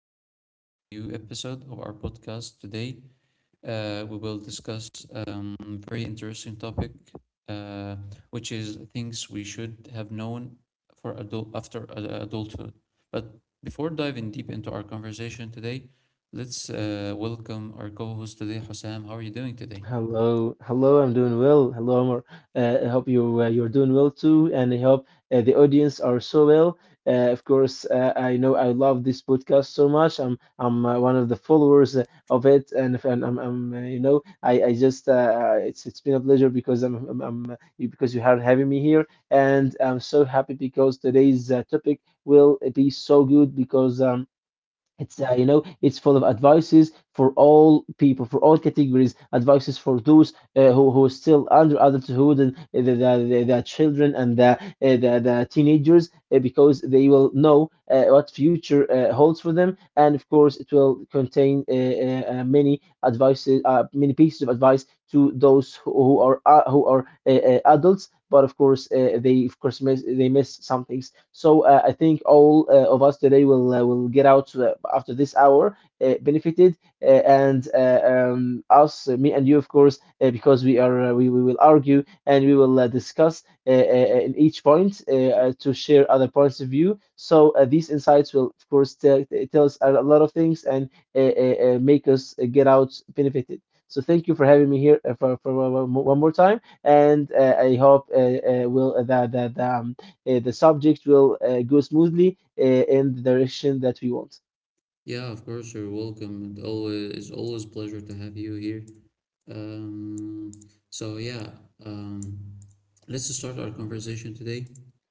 welcome to a new episode of our podcast. Today, we will discuss a very interesting topic, uh, which is things we should have known for adult after adulthood. But before diving deep into our conversation today, let's welcome our co-host today, Hossam. How are you doing today? Hello, hello. I'm doing well. Hello, Omar. I hope you you're doing well too, and I hope the audience are so well. Of course, I know I love this podcast so much. I'm one of the followers of it, and if, and I'm I just it's been a pleasure because because you are having me here, and I'm so happy because today's topic will be so good because. It's you know it's full of advices for all people, for all categories. Advices for those who are still under adulthood and the children and the teenagers, because they will know what future holds for them. And of course, it will contain many advices, many pieces of advice to those who are adults. But of course, they of course they miss some things, so I think all of us today will get out after this hour benefited, and us, me and you, of course, because we are we will argue and we will discuss in each point to share other points of view. So these insights will, of course, tell us a lot of things and make us get out benefited. So thank you for having me here for one more time, and I hope will that that the subject will go smoothly in the direction that we want. Yeah, of course, you're welcome. It's always a pleasure to have you here. Um, so yeah, um, let's start our conversation today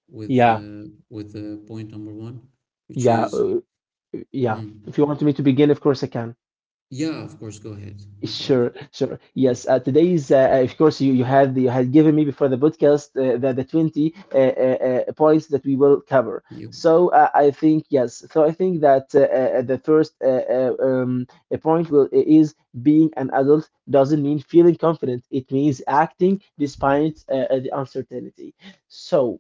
with Yeah, uh, with uh, point number one, which yeah, is. uh, yeah. Mm, If you want me to begin, of course I can. yeah, of course, go ahead, no Sure, problem. sure. Yes, today is, of course, you had given me before the podcast the 20 points that we will cover. You. So I think yes. So I think that the first point will is being an adult doesn't mean feeling confident. It means acting despite the uncertainty. So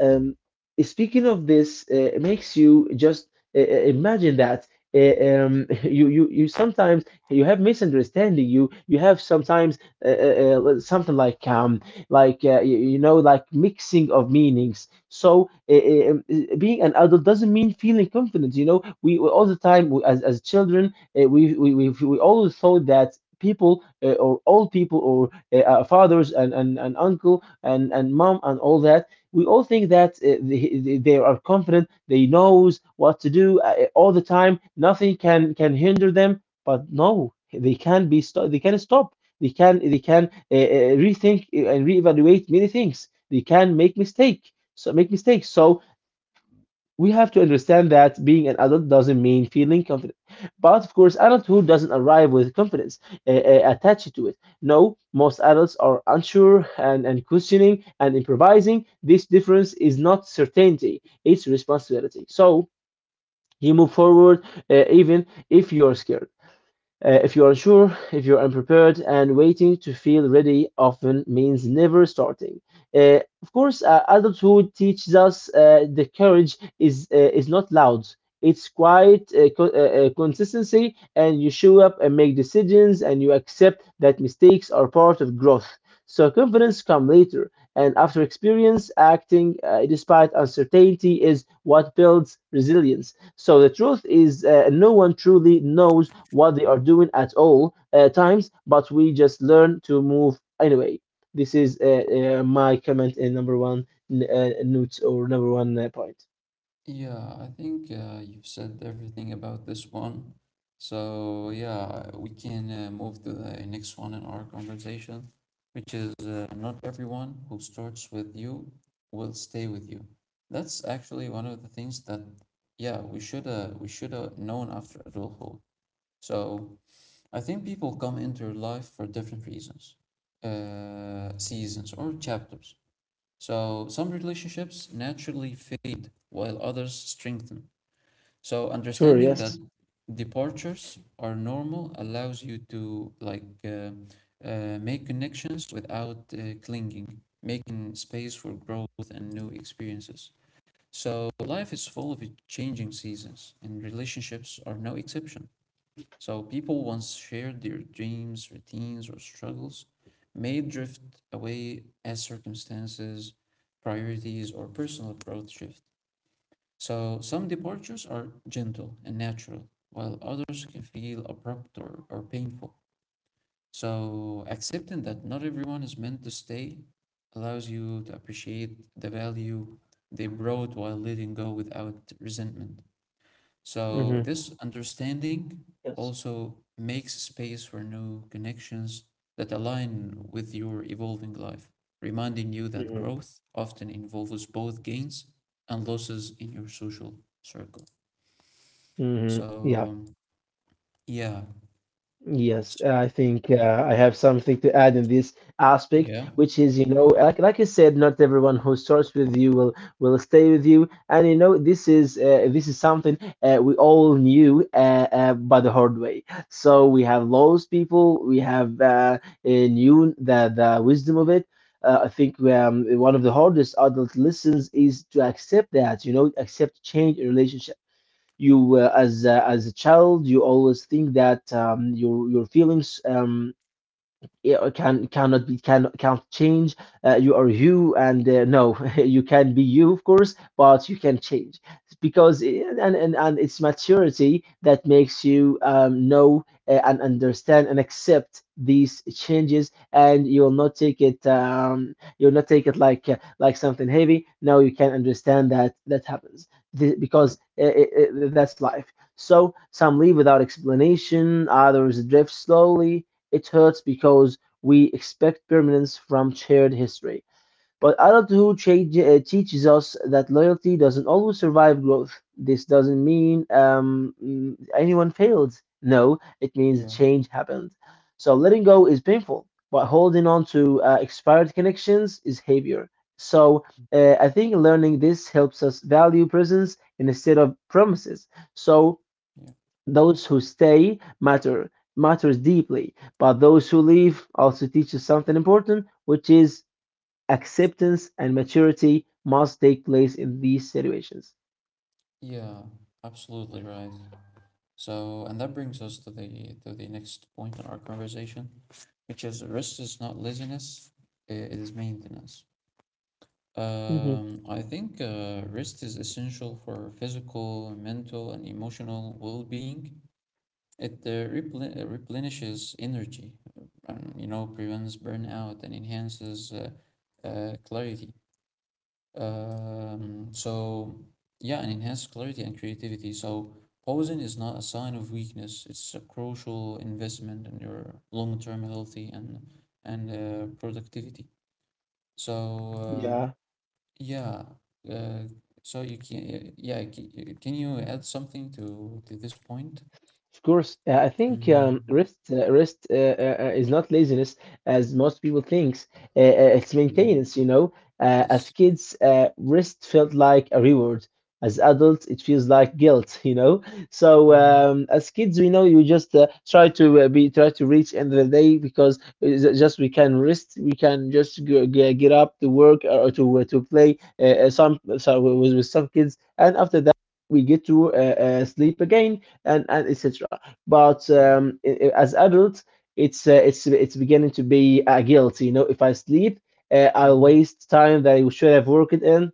um, speaking of this, it makes you just imagine that. uh, um, you sometimes you have misunderstanding, you have sometimes well, something like you, you know, like mixing of meanings. So being an adult doesn't mean feeling confident. You know, we all the time as children we always thought that people or old people or our fathers and, and uncle and mom and all that, we all think that they are confident, they knows what to do all the time, nothing can hinder them. But no, they can they can stop. They can rethink, and reevaluate many things. They can make mistake. So make mistakes. So we have to understand that being an adult doesn't mean feeling confident. But of course, adulthood doesn't arrive with confidence attached to it. No, most adults are unsure, and questioning, and improvising. This difference is not certainty, it's responsibility. So you move forward even if you're scared. If you are unsure, if you're unprepared, and waiting to feel ready often means never starting. Of course, adulthood teaches us the courage is not loud. It's quiet consistency, and you show up and make decisions, and you accept that mistakes are part of growth. So confidence comes later, and after experience, acting despite uncertainty is what builds resilience. So the truth is, no one truly knows what they are doing at all times, but we just learn to move anyway. This is my comment in number one note or number one point. Yeah, I think you've said everything about this one. So, yeah, we can move to the next one in our conversation, which is not everyone who starts with you will stay with you. That's actually one of the things that, yeah, we should have known after adulthood. So, I think people come into your life for different reasons, seasons or chapters. So, some relationships naturally fade while others strengthen. So Sure, understanding that yes. departures are normal allows you to like make connections without clinging, making space for growth and new experiences. So life is full of changing seasons, and relationships are no exception. So people once shared their dreams, routines, or struggles may drift away as circumstances, priorities, or personal growth shift. So some departures are gentle and natural, while others can feel abrupt or painful. So accepting that not everyone is meant to stay allows you to appreciate the value they brought while letting go without resentment. So Hmm. this understanding Yes. also makes space for new connections that align with your evolving life, reminding you that Hmm. growth often involves both gains and losses in your social circle. Hmm. Yeah. So yeah, Yes, S- I think I have something to add in this aspect, yeah, which is, you know, like you said, not everyone who starts with you will stay with you, and you know, this is something we all knew by the hard way. So we have lost people, we have knew the wisdom of it. I think one of the hardest adult lessons is to accept that, you know, accept change in relationship. You as a child, you always think that your feelings it can cannot be, can can't change. You are you, and no, you can be you, of course, but you can change, because and it's maturity that makes you know and understand and accept these changes, and you'll not take it you'll not take it like something heavy. No, you can understand that that happens. Th- because That's life. So some leave without explanation, others drift slowly. It hurts because we expect permanence from shared history. But adulthood change, teaches us that loyalty doesn't always survive growth. This doesn't mean anyone failed. No, it means yeah, change happened. So letting go is painful, but holding on to expired connections is heavier. So I think learning this helps us value presence instead of promises. So yeah, those who stay matters deeply, but those who leave also teaches something important, which is acceptance and maturity must take place in these situations. yeah, absolutely right. So and that brings us to the next point in our conversation, which is rest is not laziness, it is maintenance. Hmm. I think rest is essential for physical, mental, and emotional well-being. It replenishes energy, uh, and prevents burnout and enhances clarity. So yeah, and enhance clarity and creativity. So pausing is not a sign of weakness. It's a crucial investment in your long-term healthy and productivity. So Yeah. yeah, uh, so you can yeah, can you add something to this point? Of course, I think Hmm. rest is not laziness as most people thinks. It's Yeah. maintenance, you know. Yes. As kids, rest felt like a reward. As adults, it feels like guilt, you know. So Hmm. As kids, we know you just try to be try to reach end of the day because it's just we can rest, we can just go, get up to work or to play some so with some kids, and after that we get to sleep again and etc. But Yeah. As adults, it's beginning to be a guilt. You know, if I sleep, I Hmm. waste time that I should have worked in.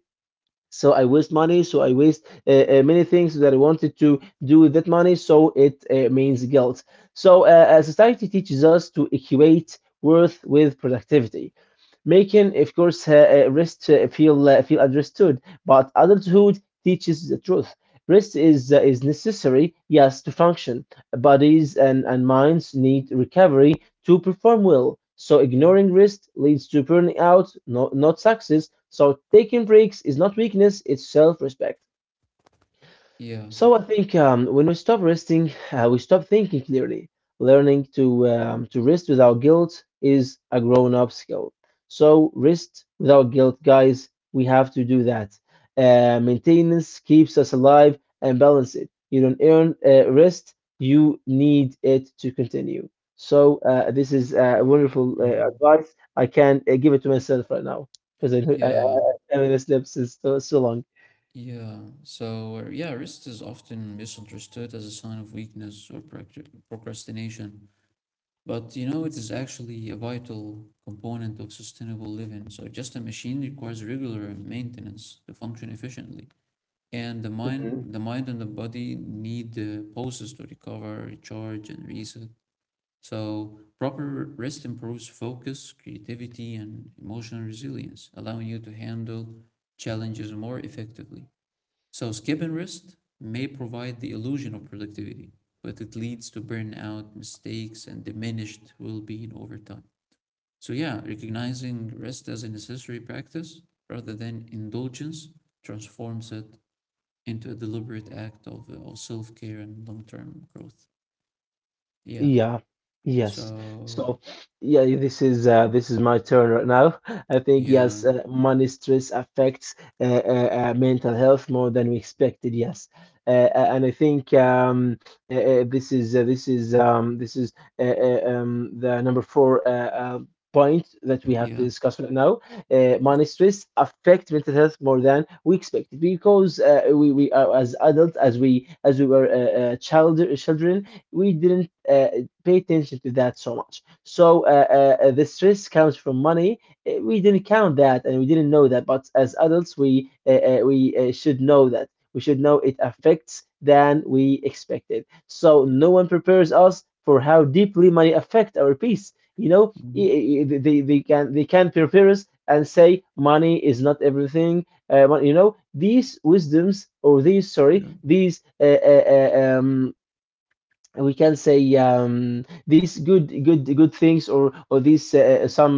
So I waste money. So I waste many things that I wanted to do with that money. So it means guilt. So society teaches us to equate worth with productivity, making, of course, rest feel feel understood. But adulthood teaches the truth. Rest is necessary, yes, to function. Bodies and minds need recovery to perform well. So Yeah. ignoring rest leads to burnout, not success. So taking breaks is not weakness; it's self-respect. Yeah. So I think when we stop resting, we stop thinking clearly. Learning to rest without guilt is a grown-up skill. So rest without guilt, guys. We have to do that. Maintenance keeps us alive and balance it. You don't earn rest; you need it to continue. So this is wonderful Hmm. advice. I can give it to myself right now because Yeah. I haven't slept since so, so Yeah, so yeah, rest is often misunderstood as a sign of weakness or procrastination, but it is actually a vital component of sustainable living. So just a machine requires regular maintenance to function efficiently, and the mind, long. the mind and the body need pauses to recover, recharge, and reset. So proper rest improves focus, creativity, and emotional resilience, allowing you to handle challenges more effectively. So, skip and rest may provide the illusion of productivity, but it leads to burnout, mistakes, and diminished well being over time. So, yeah, recognizing rest as a necessary practice rather than indulgence transforms it into a deliberate act of self care and long term growth. Yeah. Yeah, yes. So, So, yeah, this is my turn right now. I think yeah, yes, money stress affects mental health more than we expected. Yes, and I think this is this is the number four point that we have to yeah. discuss right now. Money stress affect mental health more than we expected, because we as adults, as we were children, we didn't pay attention to that so much. So the stress comes from money. We didn't count that, and we didn't know that. But as adults, we should know that. We should know it affects than we expected. So Yeah. no one prepares us for how deeply money affect our peace. You know, Mm, they, they can prepare us and say money is not everything. These wisdoms or these, sorry, yeah. these uh, uh, um, we can say these good things or these some uh,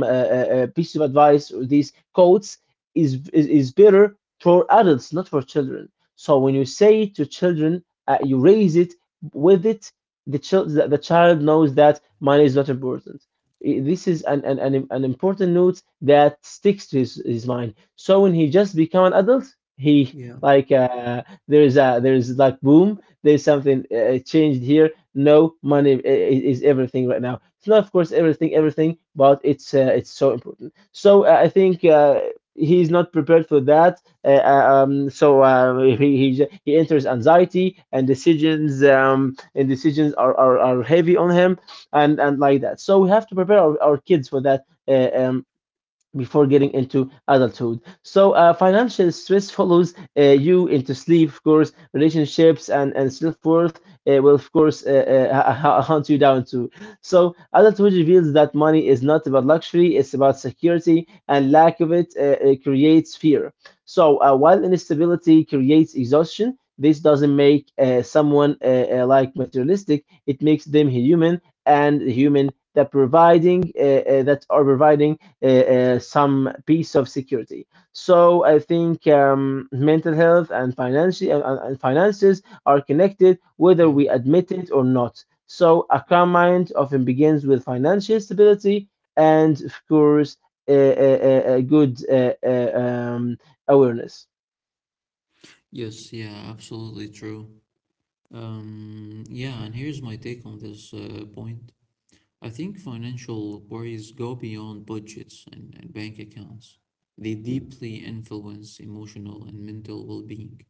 uh, piece of advice or these quotes is better for adults, not for children. So when you say it to children, you raise it with it. The child knows that money is not important. This is an important note that sticks to his mind. So when he just become an adult, he Yeah. like, there's like boom, there's something changed here. No, money is everything right now. It's not, of course, everything, everything, but it's so important. So I think he's not prepared for that. So he enters anxiety and decisions, and decisions are heavy on him, and like that. So we have to prepare our kids for that, before getting into adulthood. So, financial stress follows you into sleep, of course, relationships, and self worth, will, of course, hunt you down too. So, adulthood reveals that money is not about luxury, it's about security, and lack of it, it creates fear. So, while instability creates exhaustion, this doesn't make someone like materialistic. It makes them human, and human that providing that are providing some piece of security. So I think mental health and and finances are connected, whether Yeah. we admit it or not. So a calm mind often begins with financial stability and, of course, a, a good awareness. Yes, yeah, absolutely true. Yeah, and here's my take on this point. I think financial worries go beyond budgets and bank accounts. They deeply influence emotional and mental well being.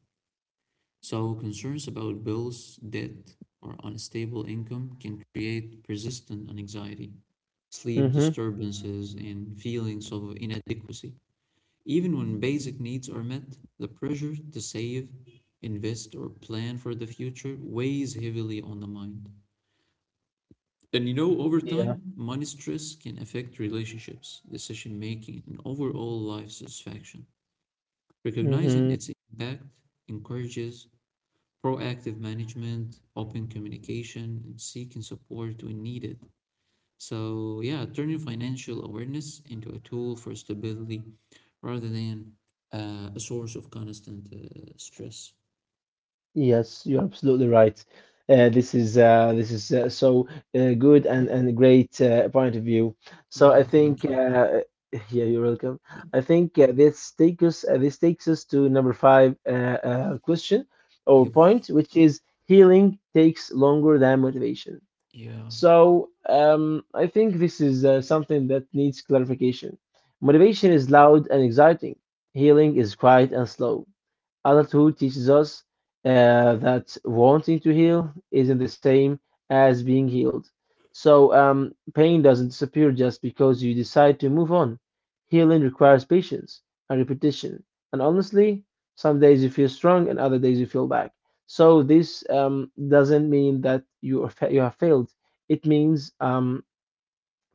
So, concerns about bills, debt, or unstable income can create persistent anxiety, sleep Hmm. disturbances, and feelings of inadequacy. Even when basic needs are met, the pressure to save, invest, or plan for the future weighs heavily on the mind. And over Yeah. time, money stress can affect relationships, decision making, and overall life satisfaction. Recognizing Hmm. its impact encourages proactive management, open communication, and seeking support when needed. So, yeah, turning financial awareness into a tool for stability rather than a source of constant stress. Yes, you're absolutely right. This is, so good and great point of view. So I Yeah, think thank you. Yeah, you're welcome. Yeah. I think, this takes us to number five, question or Yep. point, which is healing takes longer than motivation. Yeah. So I think this is something that needs clarification. Motivation is loud and exciting. Healing is quiet and slow. Adulthood teaches us that wanting to heal isn't the same as being healed. So, pain doesn't disappear just because you decide to move on. Healing requires patience and repetition. And honestly, some days you feel strong and other days you feel back. So, this doesn't mean that you have failed. It means,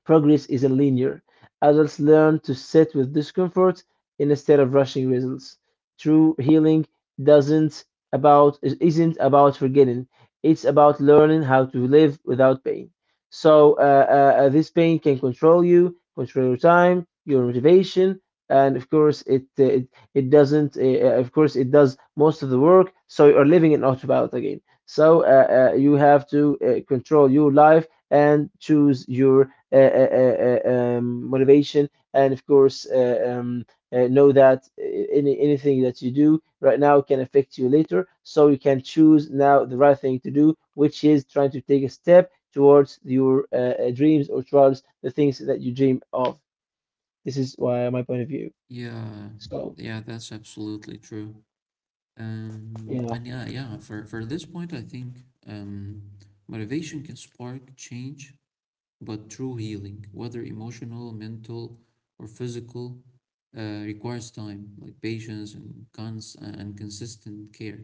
progress isn't linear. Adults learn to sit with discomfort instead of rushing results. True healing doesn't about isn't about forgetting. It's about learning how to live without pain. So this pain can control you, control your time, your motivation, and of course it doesn't. Of course it does most of the work. So you are living in autopilot again. So you have to control your life and choose your motivation, and of course, know that anything that you do right now can affect you later. So you can choose now the right thing to do, which is trying to take a step towards your dreams or towards the things that you dream of. This is why my point of view. Yeah. So Yeah, that's absolutely true. Yeah. And yeah, yeah, for this point, I think motivation can spark change, but true healing, whether emotional, mental, or physical, requires time, like patience and consistent care.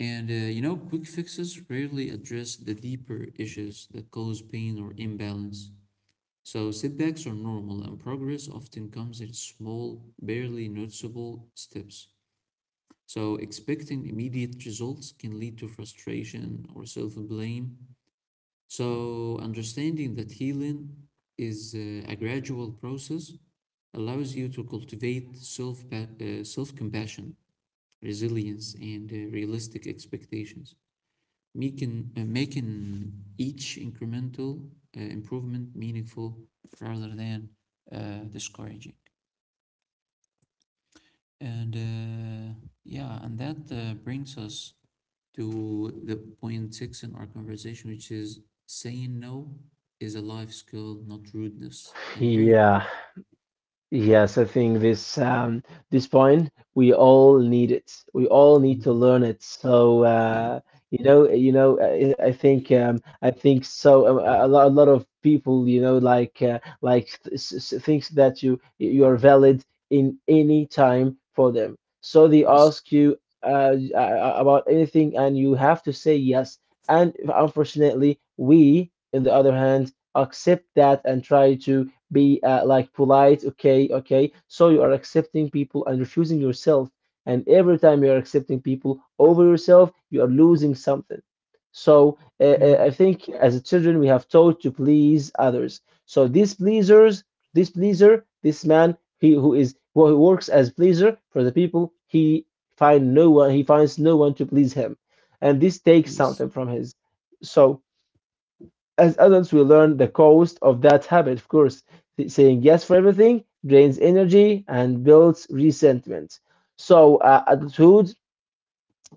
And quick fixes rarely address the deeper issues that cause pain or imbalance. So setbacks are normal, and progress often comes in small, barely noticeable steps. So expecting immediate results can lead to frustration or self-blame. So understanding that healing is a gradual process allows you to cultivate self-compassion, resilience, and realistic expectations, making each incremental improvement meaningful rather than discouraging. And yeah, and that brings us to the point six in our conversation, which is saying no is a life skill, not rudeness. And here you Yeah. Yes, I think this point, we all need it. We all need to go. learn it. So Yeah. I think so. A lot of people, like thinks that you are valid in any time for them. So they Yes. ask you about anything, and you have to say yes. And unfortunately, we, on the other hand, accept that and try to be like polite, okay, okay. So you are accepting people and refusing yourself. And every time you are accepting people over yourself, you are losing something. So Yeah. I think, as a children, we have taught to please others. So these pleasers, this pleaser, this man, he who is, who works as pleaser for the people, he finds no one to please him, and this takes Yes. something from his. So as adults, we learn the cost of that habit, of course. Saying yes for everything drains energy and builds resentment. So, adulthood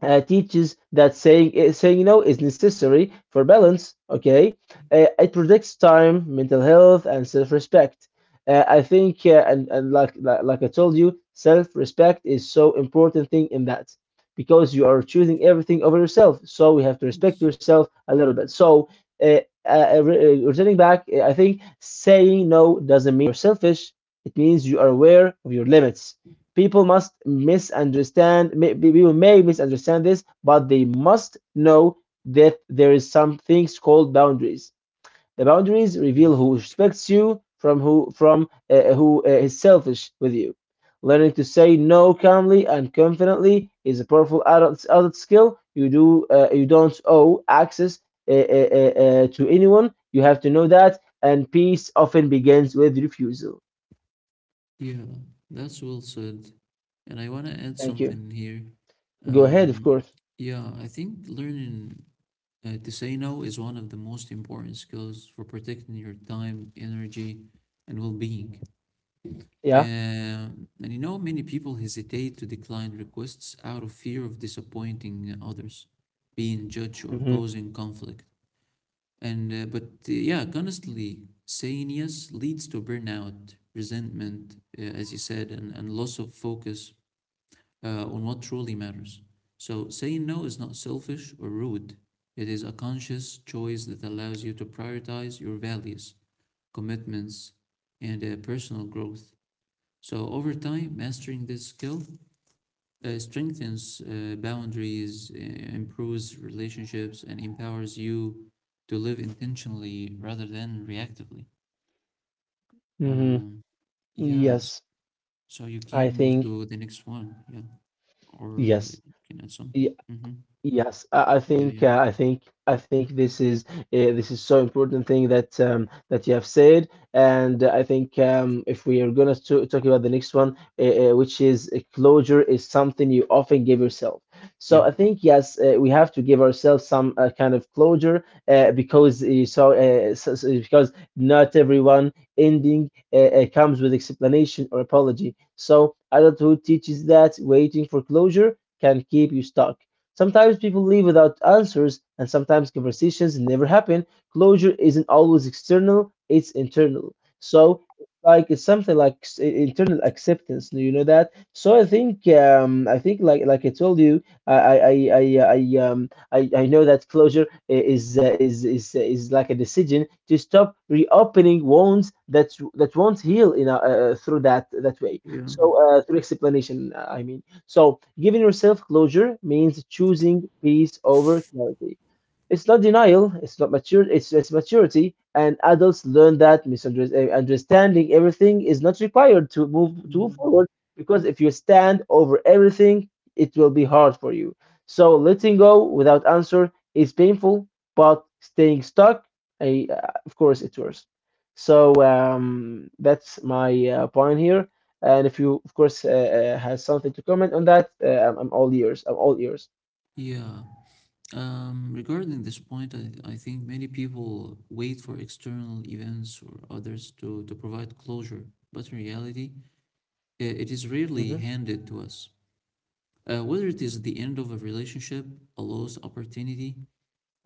teaches that saying no is necessary for balance. Okay, it protects time, mental health, and self respect. I think, and like, like I told you, self respect is so important thing in that, because you are choosing everything over yourself. So we have to respect Yes. yourself a little bit. So. Returning back, I think saying no doesn't mean you're selfish. It means you are aware of your limits. People may misunderstand this, but they must know that there is some things called boundaries. The boundaries Yeah. reveal who respects you from who is selfish with you. Learning to say no calmly and confidently is a powerful adult skill. You don't owe access to anyone. You have to know that, and peace often begins with refusal. Yeah. That's well said. And I want to add Thank you. something here. Go ahead, of Um, course. yeah, I think learning to say no is one of the most important skills for protecting your time, energy, and well being. Yeah. And many people hesitate to decline requests out of fear of disappointing others, being judged, or Mhm. causing conflict. And but yeah, honestly, saying yes leads to burnout, resentment, as you said, and loss of focus on what truly matters. So saying no is not selfish or rude. It is a conscious choice that allows you to prioritize your values, commitments, and personal growth. So over time, mastering this skill strengthens boundaries, improves relationships, and empowers you to live intentionally rather than reactively. Mm-hmm. Um, yeah, Yes, so you I can move think to the next one, yeah, or yes. you can add something. Y- Hmm. Yes, I Yeah, think, yeah, this is, so important thing that you have said. And I think, if we are gonna to talk about the next one, which is, closure is something you often give yourself. So yep, I think yes, we have to give ourselves some kind of closure because because not everyone ending comes with explanation or apology. So adulthood teaches that waiting for closure can keep you stuck. Sometimes people leave without answers, and sometimes conversations never happen. Closure isn't always external, it's internal. So, like it's something like internal acceptance. Do you know that? So I think like I told you, I I I know that closure is like a decision to stop reopening wounds that won't heal through that way. yeah. So through explanation, I mean. So, giving yourself closure means choosing peace over clarity. It's not denial, it's not mature, it's maturity, and adults learn that misunderstanding everything is not required to move Mhm. forward, because if you stand over everything, it will be hard for you. So letting go without answer is painful, but staying stuck, I, uh, of course, it's worse. So that's my point here. And if you, of course, has something to comment on that, I'm all ears. I'm all ears. Yeah. Regarding this point, I think many people wait for external events or others to provide closure, but in reality, it is rarely Hmm. handed to us. Whether it is the end of a relationship, a lost opportunity,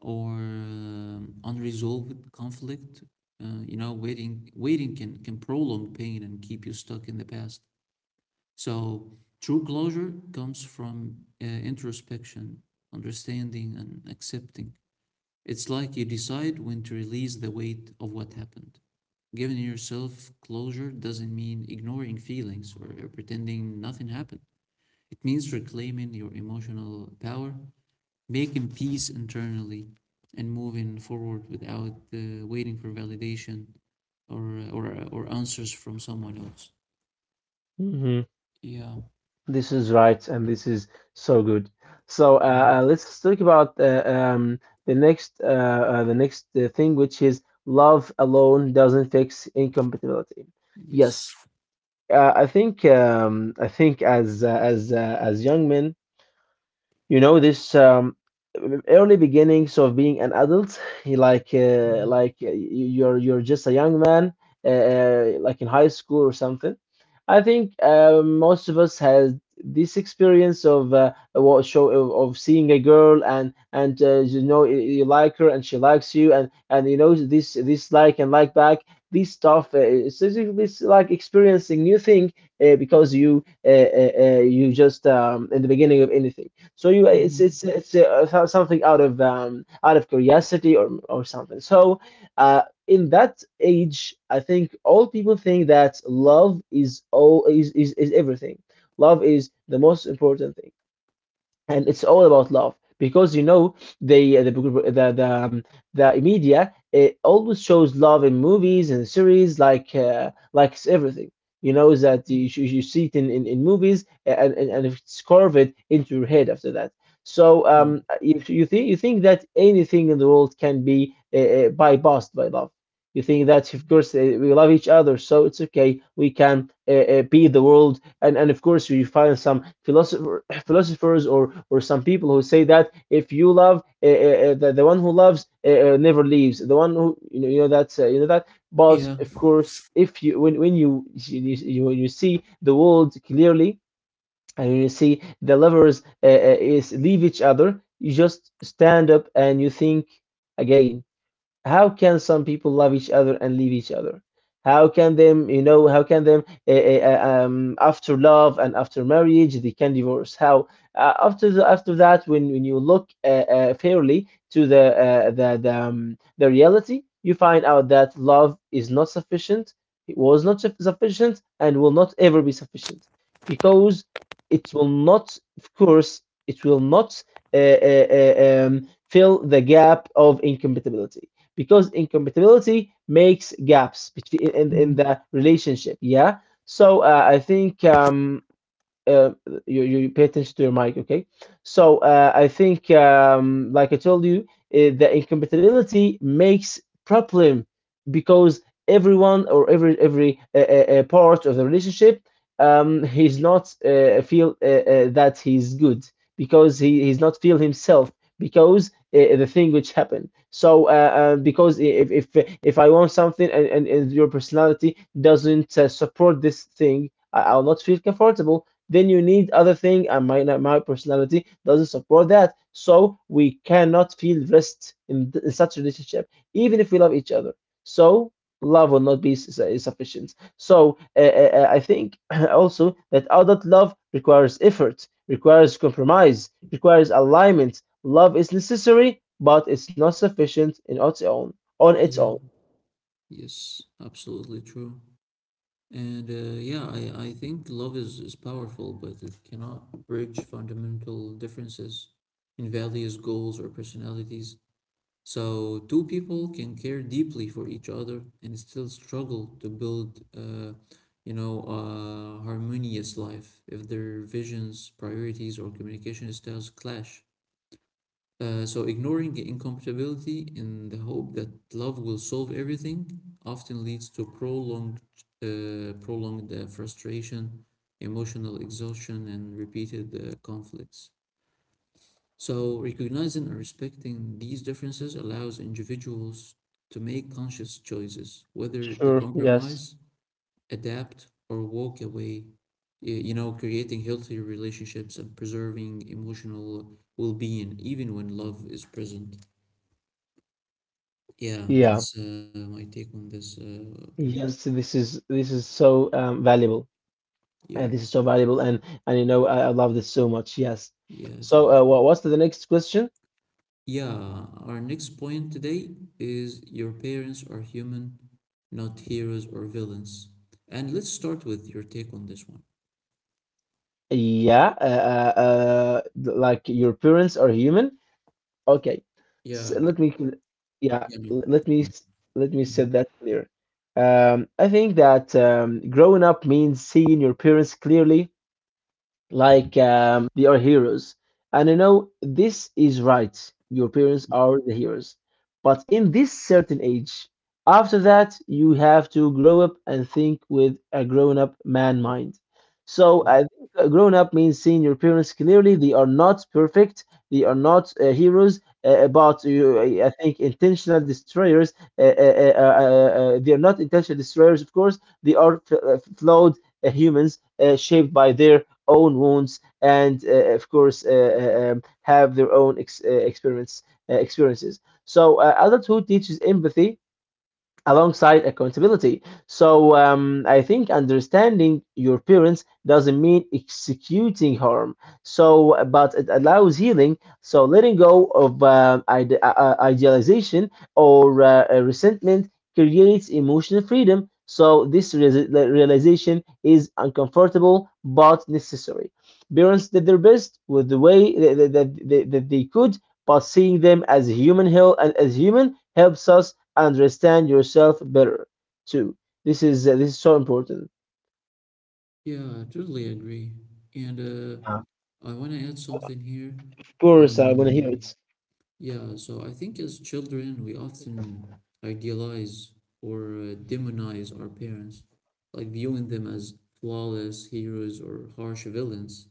or unresolved conflict, waiting can prolong pain and keep you stuck in the past. So true closure comes from introspection, understanding, and accepting. It's like you decide when to release the weight of what happened. Giving yourself closure doesn't mean ignoring feelings or pretending nothing happened. It means reclaiming your emotional power, making peace internally, and moving forward without waiting for validation or answers from someone else. Yeah. This is right, and this is so good. So Mm. Let's talk about, the next thing, which is love alone doesn't fix incompatibility. Yes. Yes, I think as as young men, you know this, early beginnings of being an adult like Mhm. You're just a young man, like in high school or something. I think most of us has this experience of of seeing a girl, and you know you like her, and she likes you, and you know this, like, and like back, this stuff, it's like experiencing new thing, because you just, in the beginning of anything. So Mhm. it's something out of curiosity or something. So in that age, I think all people think that love is everything. Love is the most important thing, and it's all about love, because you know they the media, it always shows love in movies and series like it's everything. You know, is that you see it in movies, and it's carved into your head after that. So Yeah. If you think that anything in the world can be bypassed by love. You think that, of course, we love each other, so it's okay. We can be the world, and of course, you find some philosopher, philosophers, or some people who say that if you love, the one who loves, never leaves, the one who, you know, that's, you know that. But Yeah. of course, if you when you see the world clearly, and when you see the lovers is leave each other, you just stand up and you think again. How can some people love each other and leave each other? How can them, how can them after love and after marriage they can divorce? How, after after that, when you look fairly to the, the reality, you find out that love is not sufficient. It was not sufficient and will not ever be sufficient, because it will not, of course, it will not fill the gap of incompatibility, because incompatibility makes gaps between, in the relationship. Yeah. So I think uh, you, you pay attention to your mic, okay? So I think, like I told you, the incompatibility makes problem, because everyone or every part of the relationship, he's not feel that he's good, because he's not feel himself, because the thing which happened. So because if I want something, and your personality doesn't support this thing, I'll not feel comfortable. Then you need other thing and my personality doesn't support that, so we cannot feel rest in such relationship even if we love each other. So love will not be sufficient. So I think also that adult love requires effort, requires compromise, requires alignment. Love is necessary, but it's not sufficient in its own. On its own. Yeah. Yes. Absolutely true. And yeah, I think love is powerful, but it cannot bridge fundamental differences in values, goals, or personalities. So, two people can care deeply for each other and still struggle to build, a harmonious life if their visions, priorities, or communication styles clash. So, ignoring incompatibility in the hope that love will solve everything often leads to prolonged frustration, emotional exhaustion, and repeated conflicts. So, recognizing and respecting these differences allows individuals to make conscious choices, whether to Sure. Yes. compromise, adapt, or walk away, creating healthier relationships and preserving emotional well being, even when love is present. Yeah, Yeah, that's my take on this point. yes, this is so valuable. Yeah, And this is so valuable, and you know I love this so much. Yes. yeah, So, thank you. what what's the next question? Yeah, our next point today is your parents are human, not heroes or villains. And let's start with your take on this one. Yeah, like your parents are human. Okay, S Yeah, let me, yeah, no, let me let me set mhm. that clear. I think that growing up means seeing your parents clearly, like they are heroes. And you know, this is right. Your parents are the heroes. But in this certain age, after that, you have to grow up and think with a grown up man mind. So, I think grown up means seeing your parents clearly. They are not perfect, they are not heroes, I think intentional destroyers. They are not intentional destroyers, of course. They are flawed humans shaped by their own wounds and, of course, have their own experiments, experiences. So adulthood teaches empathy alongside accountability. So I think understanding your parents doesn't mean executing harm. So, but it allows healing. So letting go of idealization or resentment creates emotional freedom. So this the realization is uncomfortable but necessary. Parents did their best with the way that they could, but seeing them as human helps us understand yourself better too. This is so important. Yeah, I totally agree. And Yeah. Of I want to add something here. course, I want to hear Um, it. yeah, so I think as children, we often idealize or demonize our parents, like viewing them as flawless heroes or harsh villains.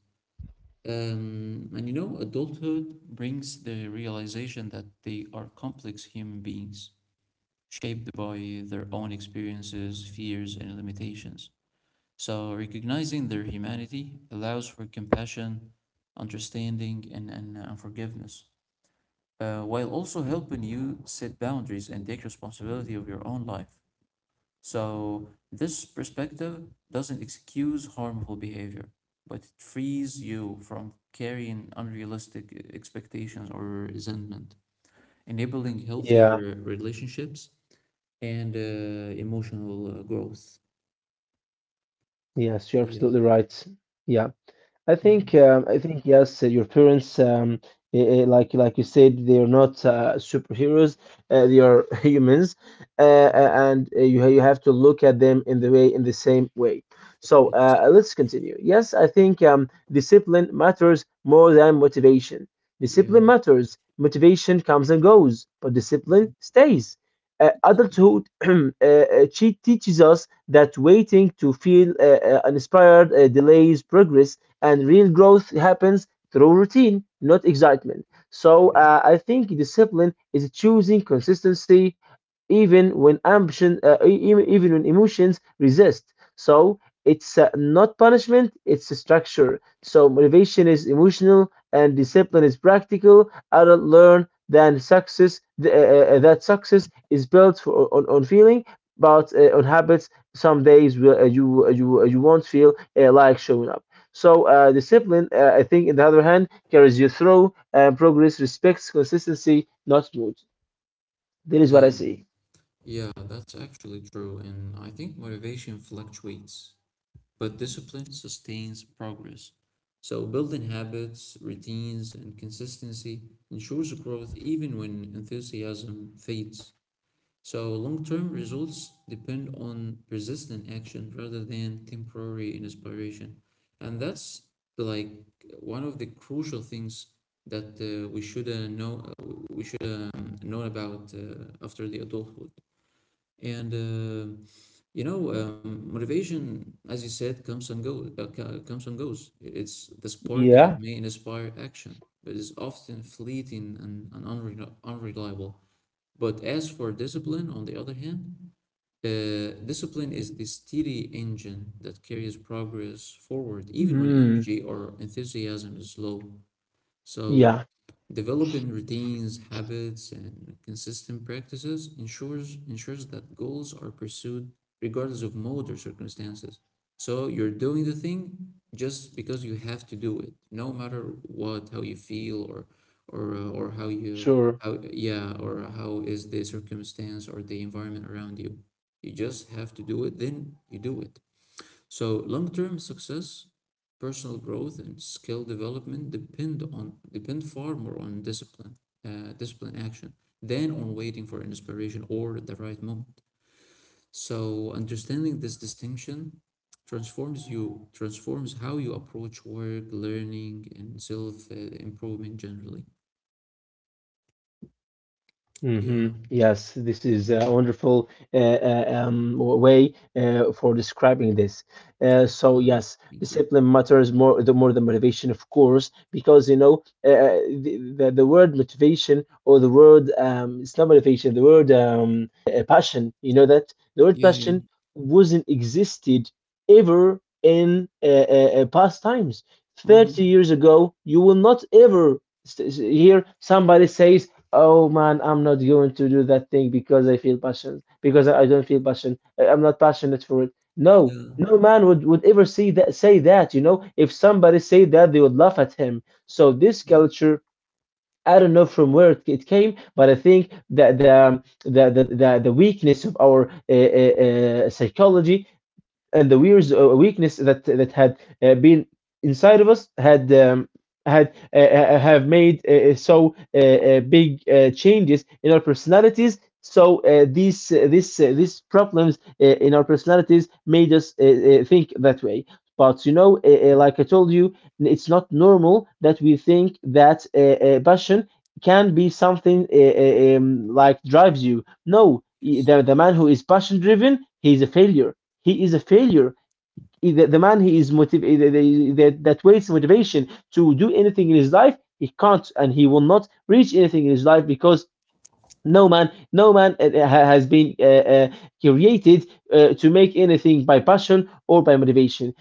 And adulthood brings the realization that they are complex human beings, shaped by their own experiences, fears, and limitations. So, recognizing their humanity allows for compassion, understanding, and forgiveness, while also helping you set boundaries and take responsibility of your own life. So this perspective doesn't excuse harmful behavior, but it frees you from carrying unrealistic expectations or resentment, enabling Yeah. healthier relationships and emotional growth. Yes, you're Yeah. absolutely right. Yeah. Mhm. I think yes, your parents, like you said, they are not superheroes. They are humans, Mhm. and you have to look at them in the way in the same way. So Yes. Let's continue. Yes, I think discipline matters more than motivation. Yeah. Discipline matters. Motivation comes and goes, but discipline Mhm. stays. Exactly. Adulthood teaches us that waiting to feel inspired delays progress, and real growth happens through routine, not excitement. So Yeah. I think discipline is choosing consistency even when ambition, even when emotions resist. So it's not punishment, it's a structure. So motivation is emotional and discipline is practical. Adult learn than success that success is built on, feeling, but on habits. Some days will, you won't feel like showing up. So discipline, I think, in the other hand, carries you through. Progress respects consistency, not mood. That is what Yeah. I see. Yeah. That's actually true, and I think motivation fluctuates. But discipline sustains progress. So building habits, routines, and consistency ensures growth even when enthusiasm fades. So long-term results depend on persistent action rather than temporary inspiration. And that's like one of the crucial things that we should know about after the adulthood. And motivation, as you said, comes and goes. Comes and goes. It's the spark that Yeah. may inspire action, but is often fleeting and unreliable. But as for discipline, on the other hand, discipline is the steady engine that carries progress forward, even when Hmm. energy or enthusiasm is low. So, Yeah, developing routines, habits, and consistent practices ensures that goals are pursued regardless of mode or circumstances. So, you're doing the thing just because you have to do it, no matter what, how you feel, or how you sure. How is the circumstance or the environment around you. You just have to do it, then you do it. So long-term success, personal growth, and skill development depend far more on discipline, discipline action than on waiting for inspiration or the right moment. So understanding this distinction transforms how you approach work, learning, and self improvement generally. Yeah. Hmm, yes, this is a Mhm. wonderful way for describing this. So Yeah. yes, Thank you. discipline matters more the motivation, of course, because you know the word motivation or the word it's not motivation, the word passion. You know that the word Yeah. Yeah. passion wasn't existed ever in past times. Thirty Mhm. years ago, you will not ever hear somebody says, "Oh man, I'm not going to do that thing because I feel passion, because I don't feel passion. I'm not passionate for it." No, Yeah. no man would ever see that, say that, you know. If somebody say that, they would laugh at him. So this Yeah. culture, I don't know from where it came, but I think that the the weakness of our psychology and the weird weakness that that had been inside of us had had have made big changes in our personalities. So these problems in our personalities made us think that way. But you know, like I told you, it's not normal that we think that passion can be something like drives you. No, Yes. The man who is passion driven, he's a failure, he is a failure. The man he is that waits motivation to do anything in his life, he can't and he will not reach anything in his life, because no man, no man has been created to make anything by passion or by motivation.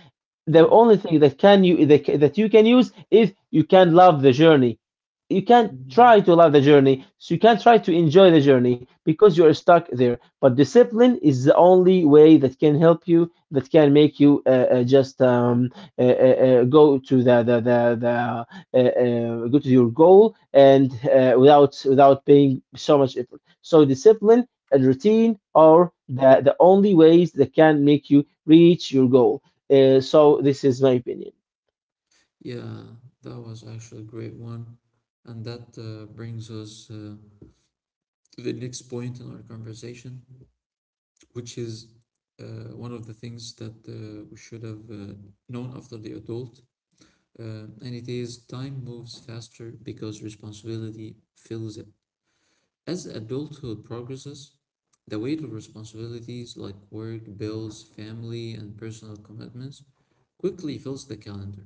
The Yeah. only thing that that you can use is you can love the journey. You can't Mhm. try to love the journey, so you can't try to enjoy the journey because you're stuck there. But discipline is the only way that can help you, that can make you just go to the go to your goal, and without paying so much effort. So discipline and routine are the only ways that can make you reach your goal. So this is my opinion. Yeah, that was actually a great one. And that brings us to the next point in our conversation, which is one of the things that we should have known after the adult. And it is time moves faster because responsibility fills it. As adulthood progresses, the weight of responsibilities like work, bills, family, and personal commitments quickly fills the calendar.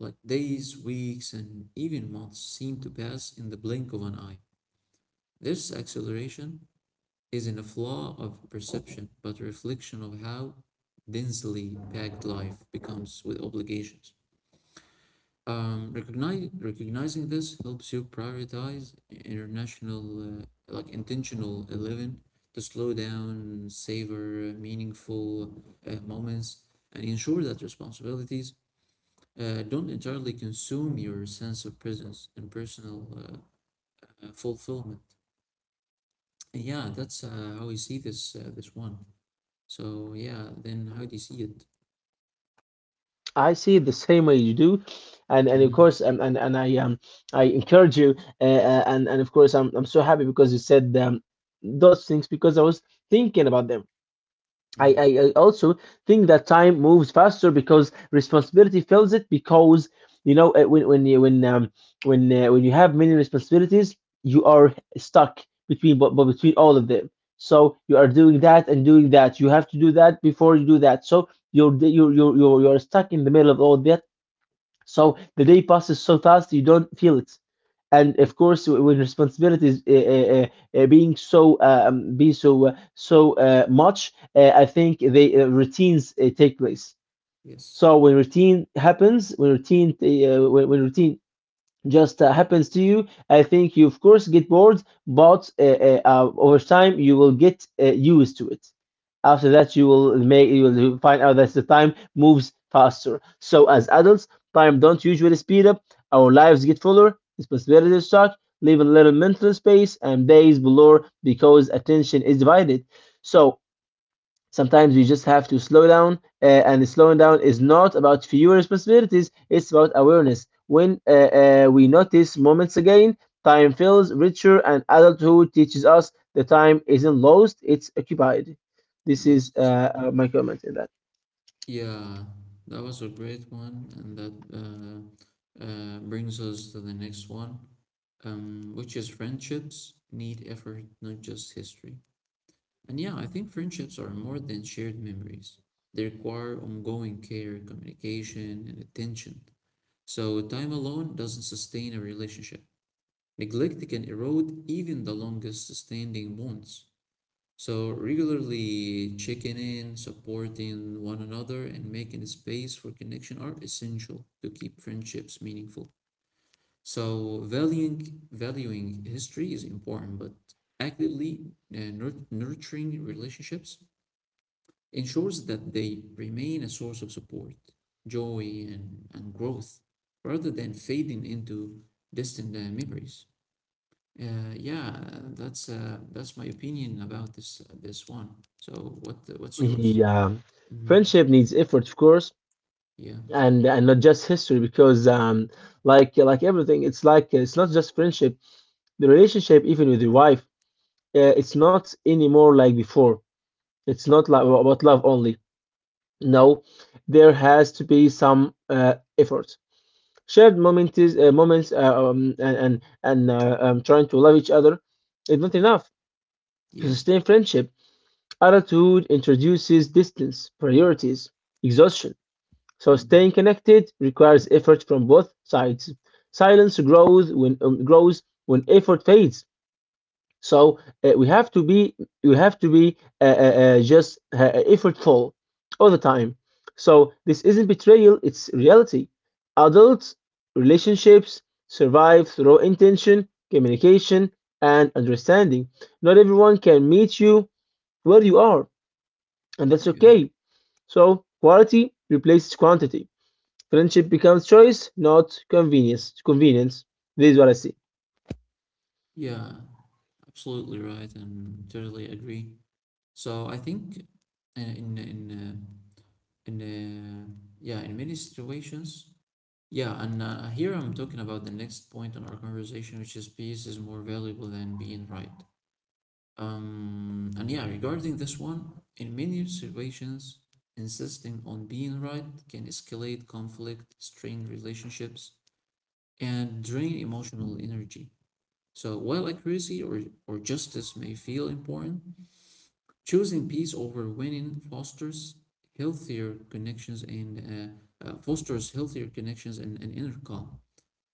Like days, weeks, and even months seem to pass in the blink of an eye. This acceleration isn't a flaw of perception, but a reflection of how densely packed life becomes with obligations. Recognizing this helps you prioritize international, like intentional living to slow down, savor meaningful moments, and ensure that responsibilities don't entirely consume your sense of presence and personal fulfillment. And yeah, that's how you see this this one. So yeah, then how do you see it? I see it the same way you do, and Mm-hmm. of course, and I encourage you, and of course, I'm so happy because you said those things because I was thinking about them. Mm-hmm. I also think that time moves faster because responsibility fills it, because you know when you have many responsibilities, you are stuck between, but between all of them. So you are doing that and doing that, you have to do that before you do that, so you're stuck in the middle of all that, so the day passes so fast you don't feel it. And of course, with responsibilities being so be so so much, I think they routines take place. Yes. So when routine happens, when routine, when routine just happens to you, I think you of course get bored, but over time you will get used to it. After that, you will make you will find out that the time moves faster. So as adults, time don't usually speed up. Our lives get fuller, responsibilities stack, leave a little mental space, and days blur because attention is divided. So sometimes we just have to slow down, and slowing down is not about fewer responsibilities, it's about awareness. When we notice moments again, time feels richer, and adulthood teaches us the time isn't lost, it's occupied. This is Yes. My comment in that. Yeah, that was a great one, and that brings us to the next one, which is friendships need effort, not just history. And yeah, I think friendships are more than shared memories. They require ongoing care, communication, and attention. So time alone doesn't sustain a relationship. Neglect can erode even the longest sustaining bonds. So regularly checking in, supporting one another, and making space for connection are essential to keep friendships meaningful. So valuing history is important, but actively nurturing relationships ensures that they remain a source of support, joy, and growth rather than fading into distant memories. Uh, yeah, that's that's my opinion about this this one. So what what's yours? Yeah. Hmm. Friendship needs effort, of course, Yeah, and, not just history, because like everything, it's like it's not just friendship. The relationship, even with your wife, it's not anymore like before. It's not like about love only. No, there has to be some effort. Shared moments, moments, and trying to love each other is not enough to yeah, sustain friendship. Adulthood introduces distance, priorities, exhaustion. So mhm, staying connected requires effort from both sides. Silence grows when, grows when effort fades. So we have to be just effortful all the time. So this isn't betrayal; it's reality. Adult relationships survive through intention, communication, and understanding. Not everyone can meet you where you are, and that's yeah, okay. So quality replaces quantity. Friendship becomes choice, not convenience. Convenience. This is what I see. yeah. Absolutely right, and totally agree. So I think uh, in in uh, in yeah, in many situations. Yeah, and here I'm talking about the next point in our conversation, which is peace is more valuable than being right. And yeah, regarding this one, in many situations, insisting on being right can escalate conflict, strain relationships, and drain emotional energy. So while accuracy or justice may feel important, choosing peace over winning healthier connections and fosters healthier connections and inner calm.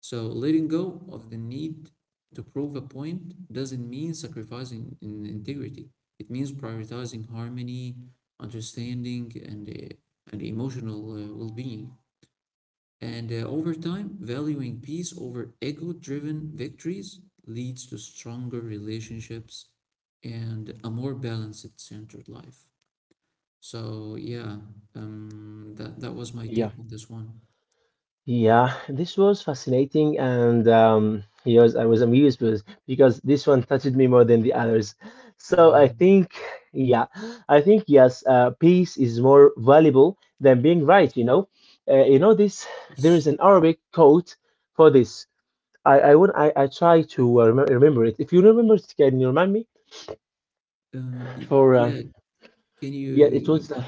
So letting go of the need to prove a point doesn't mean sacrificing in integrity. It means prioritizing harmony, understanding, and emotional well-being. And over time, valuing peace over ego-driven victories leads to stronger relationships and a more balanced, centered life. So yeah, that was my Yeah. take on this one. Yeah, this was fascinating, and yes, I was amused because this one touched me more than the others. So Yeah. Yeah, I think yes, peace is more valuable than being right. You know this. There is It's- an Arabic quote for this. I try to remember it. If you remember, it, can you remind me? Uh, y- For yeah, can yeah, it you— was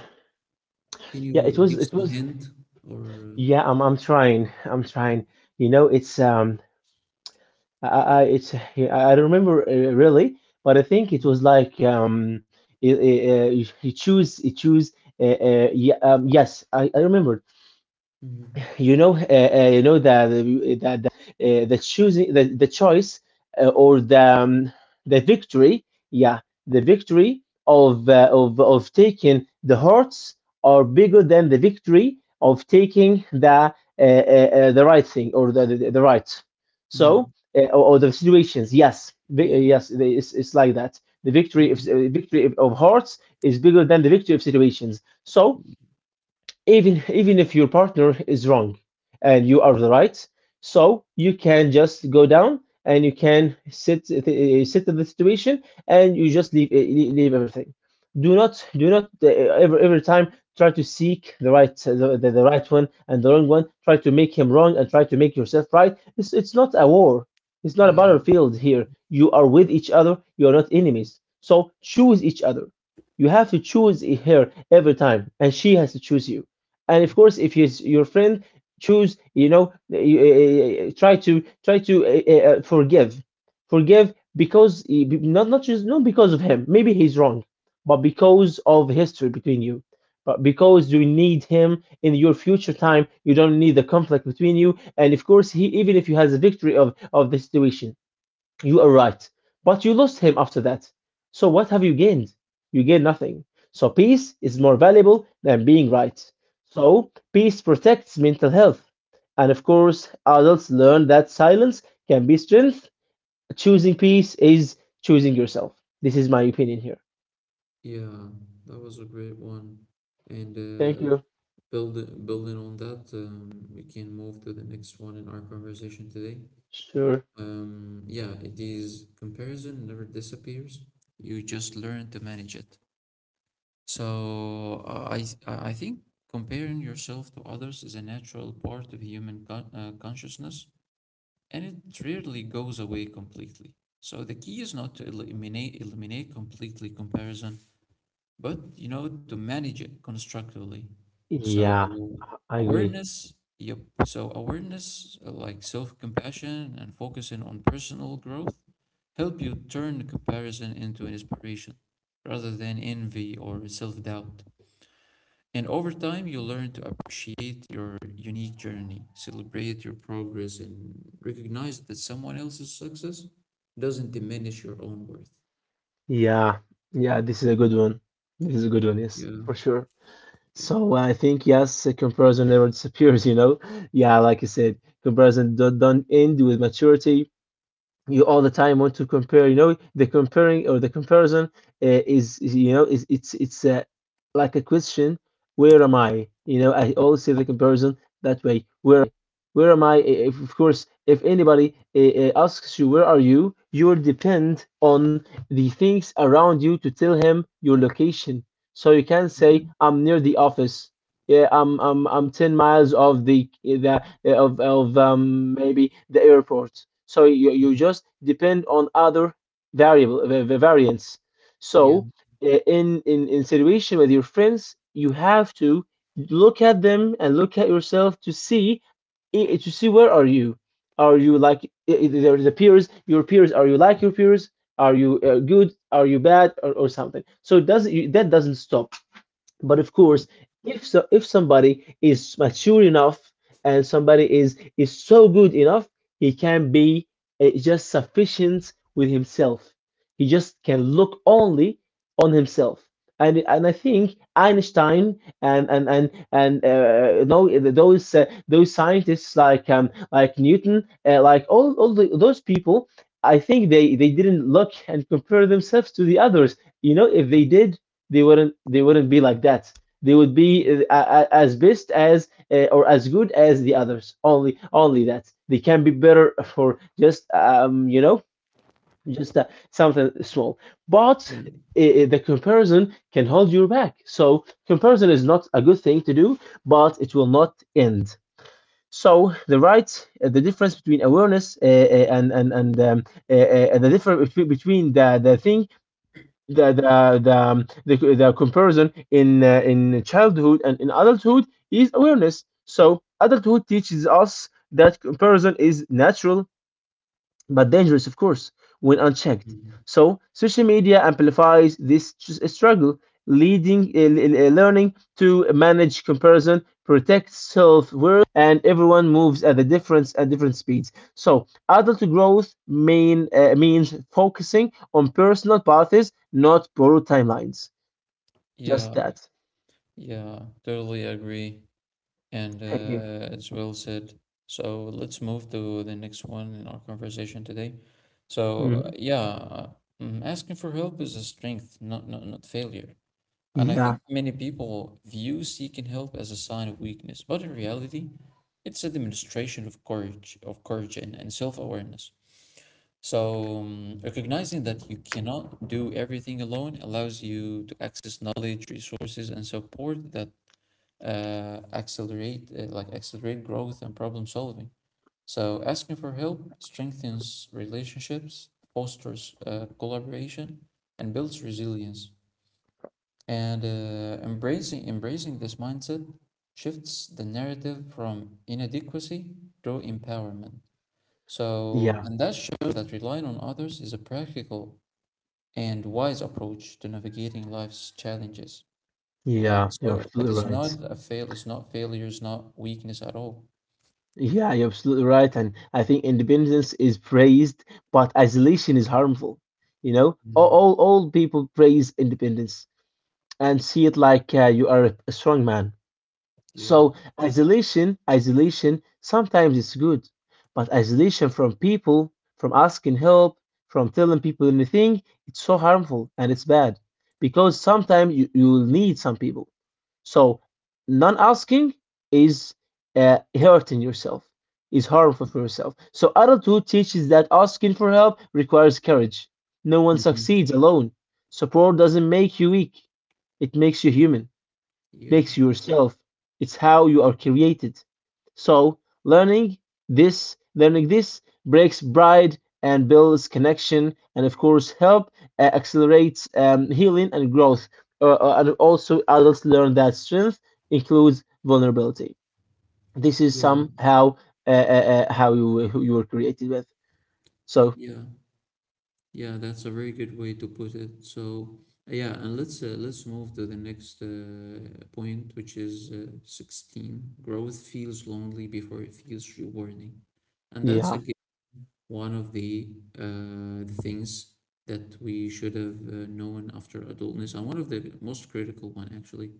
can yeah, you it was give it some was hint or— yeah. I'm trying. I'm trying. You know, it's. I don't remember really, but I think it was like you choose yeah, yes, I remember Mhm. You know that the the choice or the victory, yeah, the victory of of taking the hearts are bigger than the victory of taking the right thing or the right. So Mm, or the situations, yes, yeah, yes, it's like that. The mhm, victory of hearts is bigger than the victory of situations. So mm, even even if your partner is wrong and you are the right, so you can just go down and you can sit sit in the situation, and you just leave leave everything. Do not every time try to seek the right, the right one and the wrong one. Try to make him wrong and try to make yourself right. It's not a war, it's not a yeah, battlefield. Here you are with each other, you are not enemies, so choose each other. You have to choose her every time and she has to choose you. And of mm, course if he's your friend, choose, you know, try to forgive. Forgive because not not just not because of him, maybe he's wrong, but because of history between you, but because you need him in your future time. You don't need the conflict between you. And of course, he, even if you has a victory of the situation, you are right. But you lost him after that. So what have you gained? You gain nothing. So peace is more valuable than being right. So peace protects mental health. And of course, adults learn that silence can be strength. Choosing peace is choosing yourself. This is my opinion here. yeah, that was a great one. And Thank uh, you. building building on that, we can move to the next one in our conversation today. Sure. Yeah, it is comparison never disappears. You just learn to manage it. So uh, I I think comparing yourself to others is a natural part of human consciousness, and it rarely goes away completely. So the key is not to eliminate completely comparison, but you know, to manage it constructively. So Yeah, I agree. awareness, yep. So awareness, like self-compassion and focusing on personal growth help you turn comparison into inspiration rather than envy or self-doubt. And over time, you learn to appreciate your unique journey, celebrate your progress, and recognize that someone else's success doesn't diminish your own worth. Yeah. Yeah, this is a Mm. good one. This is a good one, yes, Yeah, for sure. yeah, So I think yes, a comparison never disappears, you know. Yeah, like I said, comparison don't end with maturity. You all the time want to compare, you know, the comparing or the comparison is, you know, is it's like a question, where am I? You know, I always say the comparison that way. Where Where am I? If, of course, if anybody asks you where are you, you will depend on the things around you to tell him your location. So you can yeah, say, I'm near the office, yeah, I'm 10 miles of the of maybe the airport. So you mhm, just depend on other variable, the variants. yeah, So in situation with your friends, you have to look at them and look at yourself to see to see where are you? Are you like the peers, your peers? Are you like your peers? Are you good? Are you bad? Or something? So it does that doesn't stop. But of yeah, course, if so, if somebody is mature enough and somebody is so good enough, he can be just sufficient with himself. He just can look only on himself. And I think Einstein and, you know, those scientists like Newton, like those people, I think they didn't look and compare themselves to the others. You know, if mhm, they did, they wouldn't be like that. They would be as best as or as good as the others. Only that they can be better for just you know just something small. But yeah. The comparison can hold you back. So comparison is not a good thing to do, but it will not end. So the difference between awareness and the difference between the thing the comparison in childhood and in adulthood is awareness. So adulthood teaches us that comparison is natural but dangerous, of course, when unchecked. Mhm. So social media amplifies this struggle, leading learning to manage comparison, protect self worth, and everyone moves at a difference at different speeds. So adult growth means focusing on personal paths, not borrowed timelines. Yeah, Just that. yeah, totally agree. And Thank you. It's well said. So let's move to the next one in our conversation today. So, Mhm. yeah, mm, asking for help is a strength, not failure. And I think Yeah, many people view seeking help as a sign of weakness, but in reality, it's a demonstration of courage and self-awareness. So, recognizing that you cannot do everything alone allows you to access knowledge, resources, and support that accelerate growth and problem solving. So, asking for help strengthens relationships, fosters collaboration, and builds resilience. And embracing this mindset shifts the narrative from inadequacy to empowerment. So, yeah, and that shows that relying on others is a practical and wise approach to navigating life's challenges. Yeah, yeah. You're so it absolutely is right. not a fail, it's not failure, it's not weakness at all. Yeah, you're absolutely right. And I think independence is praised, but isolation is harmful. You know, Mm-hmm. All people praise independence and see it like you are a strong man. Yeah. So isolation, isolation sometimes is good, but isolation from people, from asking help, from telling people anything, it's so harmful and it's bad because sometimes you will need some people. So non-asking is hurting yourself, is harmful for yourself. So adulthood teaches that asking for help requires courage. No one Hmm. succeeds alone. Support doesn't make you weak; it makes you human, Yeah. makes you yourself. It's how you are created. So learning learning this breaks pride and builds connection, and of course help accelerates healing and growth. And also adults learn that strength includes vulnerability. This is Yeah. somehow uh, uh, how you were created with. So Yeah. Yeah, that's a very good way to put it. So, yeah, and let's move to the next point, which is 16. Growth feels lonely before it feels rewarding. And that's yeah. again one of the things that we should have known after adultness, and one of the most critical one actually.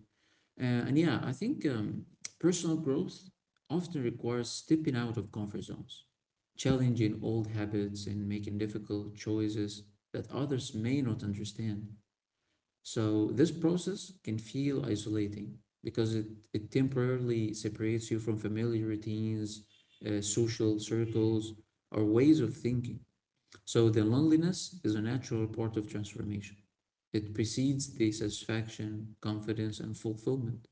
And yeah, I think personal growth often requires stepping out of comfort zones, challenging old habits, and making difficult choices that others may not understand. So, this process can feel isolating because it temporarily separates you from familiar routines, social circles, or ways of thinking. So, the loneliness is a natural part of transformation. It precedes the satisfaction, confidence, and fulfillment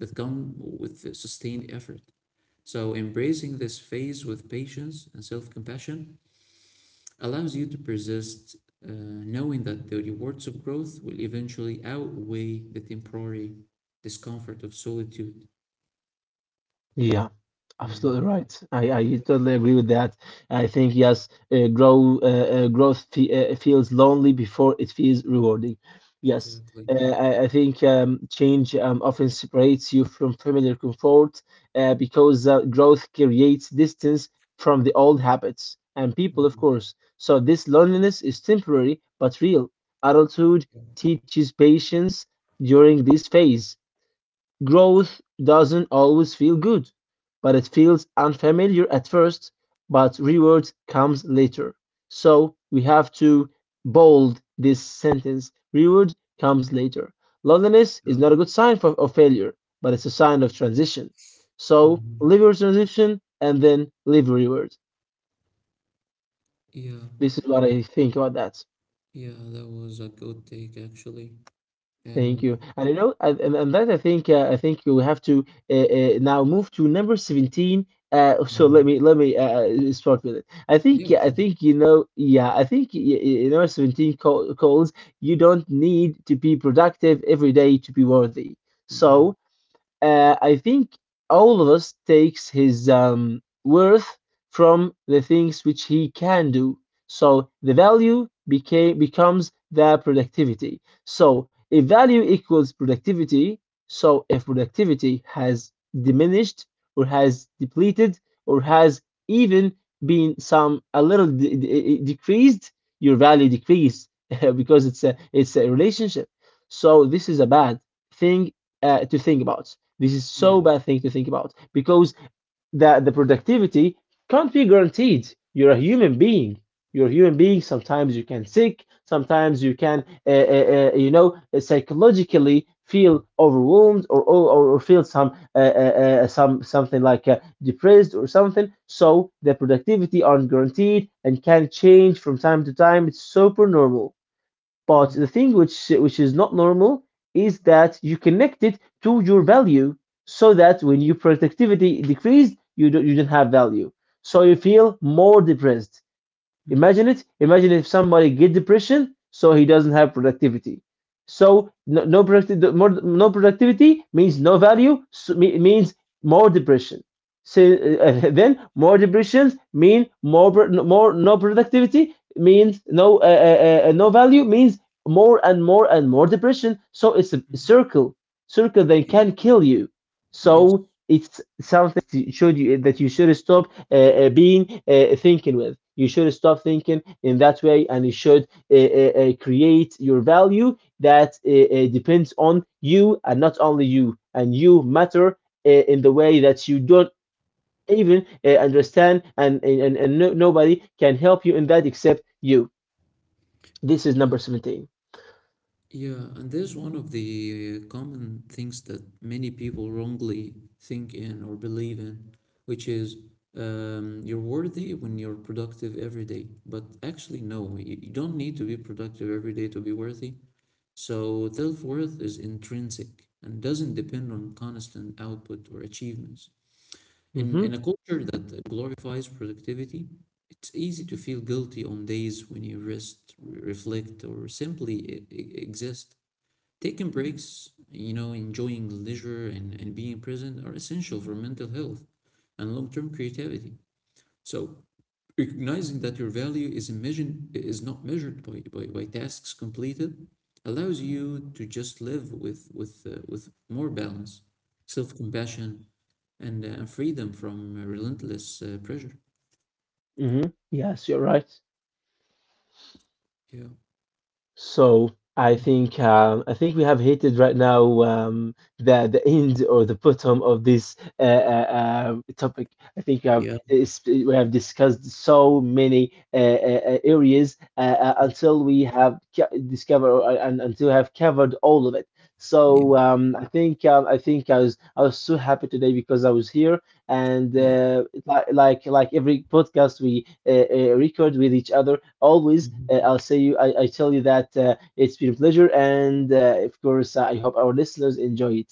that come with the sustained effort. So, embracing this phase with patience and self compassion allows you to persist, knowing that the rewards of growth will eventually outweigh the temporary discomfort of solitude. Yeah, absolutely Mm, right. I yeah, totally agree with that. I think yes, grow growth fe feels lonely before it feels rewarding. Yes, exactly. uh, I think change often separates you from familiar comfort because growth creates distance from the old habits and people, of Mhm. course. So this loneliness is temporary but real. Adulthood teaches patience during this phase. Growth doesn't always feel good, but it feels unfamiliar at first, but reward comes later. So we have to bold this sentence: reward comes later. Loneliness is Yeah. not a good sign of failure, but it's a sign of transition. So Mhm. live your transition and then live reward. Yeah, This is what I think about that. yeah, that was a good take actually. Uh, Thank you. And you know, and that I think we have to now move to number 17. Uh, so let mm, me let me start with it. I think yeah, yeah, I go ahead. think you know yeah I think y- y- number 17 calls you don't need to be productive every day to be worthy. So Mhm. I think all of us takes his worth from the things which he can do. So the value became becomes the productivity. So if value equals productivity, so if productivity has diminished or has depleted or has even been some a little decreased, your value decreased because it's a relationship. So this is a bad thing to think about. This is so bad thing to think about because the productivity can't be guaranteed. You're a human being. You're a human being. Sometimes you can sick. Sometimes you can, you know, psychologically feel overwhelmed or or feel some something like depressed or something. So the productivity aren't guaranteed and can change from time to time. It's super normal. But the Yeah. thing which is not normal is that you connect it to your value, so that when your productivity decreased, you don't have value. So you feel more depressed. Mhm, Imagine it. Imagine if somebody get depression, so he doesn't have productivity. So no productivity, no productivity means no value. So, means more depression. So then more depressions mean more more no productivity means no value means more and more and more depression. So it's a mhm. circle, circle that Yeah, can kill you. yes. So it's something that you should stop being thinking with. You should stop thinking in that way, and you should create your value that depends on you and not only you. And you matter in the way that you don't even understand, and no, nobody can help you in that except you. This is Yeah, number 17. yeah. And there's one of the common things that many people wrongly think in or believe in, which is you're worthy when you're productive every day. But actually, no, you don't need to be productive every day to be worthy. So self-worth is intrinsic and doesn't depend on constant output or achievements. In Hmm. a culture that glorifies productivity, it's easy to feel guilty on days when you rest, reflect, or simply exist. Taking breaks, you know, enjoying leisure and being present are essential for mental health and long-term creativity. So recognizing that your value is not measured by, by tasks completed allows you to just live with more balance, self-compassion, and freedom from relentless pressure. Hmm. Yes, you're right. Yeah. So Mhm. I think we have hated right now the end or the bottom of this topic. I think Yeah. We have discussed so many areas Mhm. until we have discovered and until we have covered all of it. Yeah. So I think I think I was so happy today because I was here, and Yeah. It's like every podcast we record with each other. Always Mhm. I'll say you, I tell you that it's been a pleasure, and of course I hope our listeners enjoy it.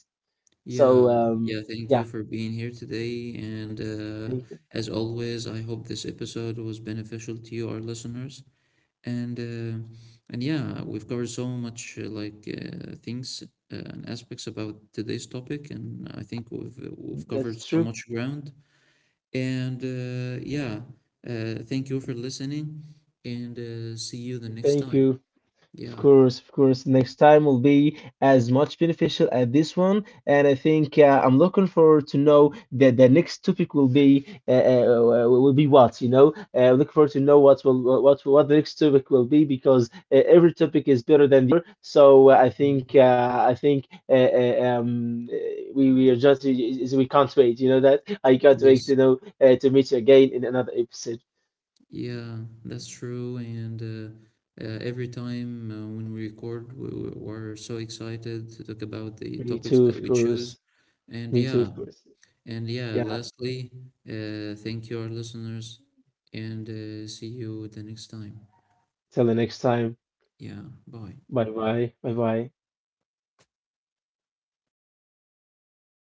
Yeah. So um, Yeah. Thank you yeah, for being here today. And thank you. as always, I hope this episode was beneficial to you, our listeners. And uh, and yeah, we've covered so much things and aspects about today's topic, and I think we've covered That's so true. much ground. And yeah, thank you for listening and see you the next Thank time. you. Of Yeah. course, of course. Next time will be as much beneficial as this one, and I think I'm looking forward to know that the next topic will be what you know. Looking forward to know what the next topic will be because every topic is better than the other. So Mm, I think we are just we can't wait. You know that I can't wait yes. to know to meet you again in another episode. Yeah, that's true. And every time when we record, we're so excited to talk about the Me topics too, that of we choose. course. And Me too, yeah, of course. and yeah, Yeah. lastly, thank you, our listeners, and see you the next time. Till the next time. Yeah, bye. Bye bye. Bye bye.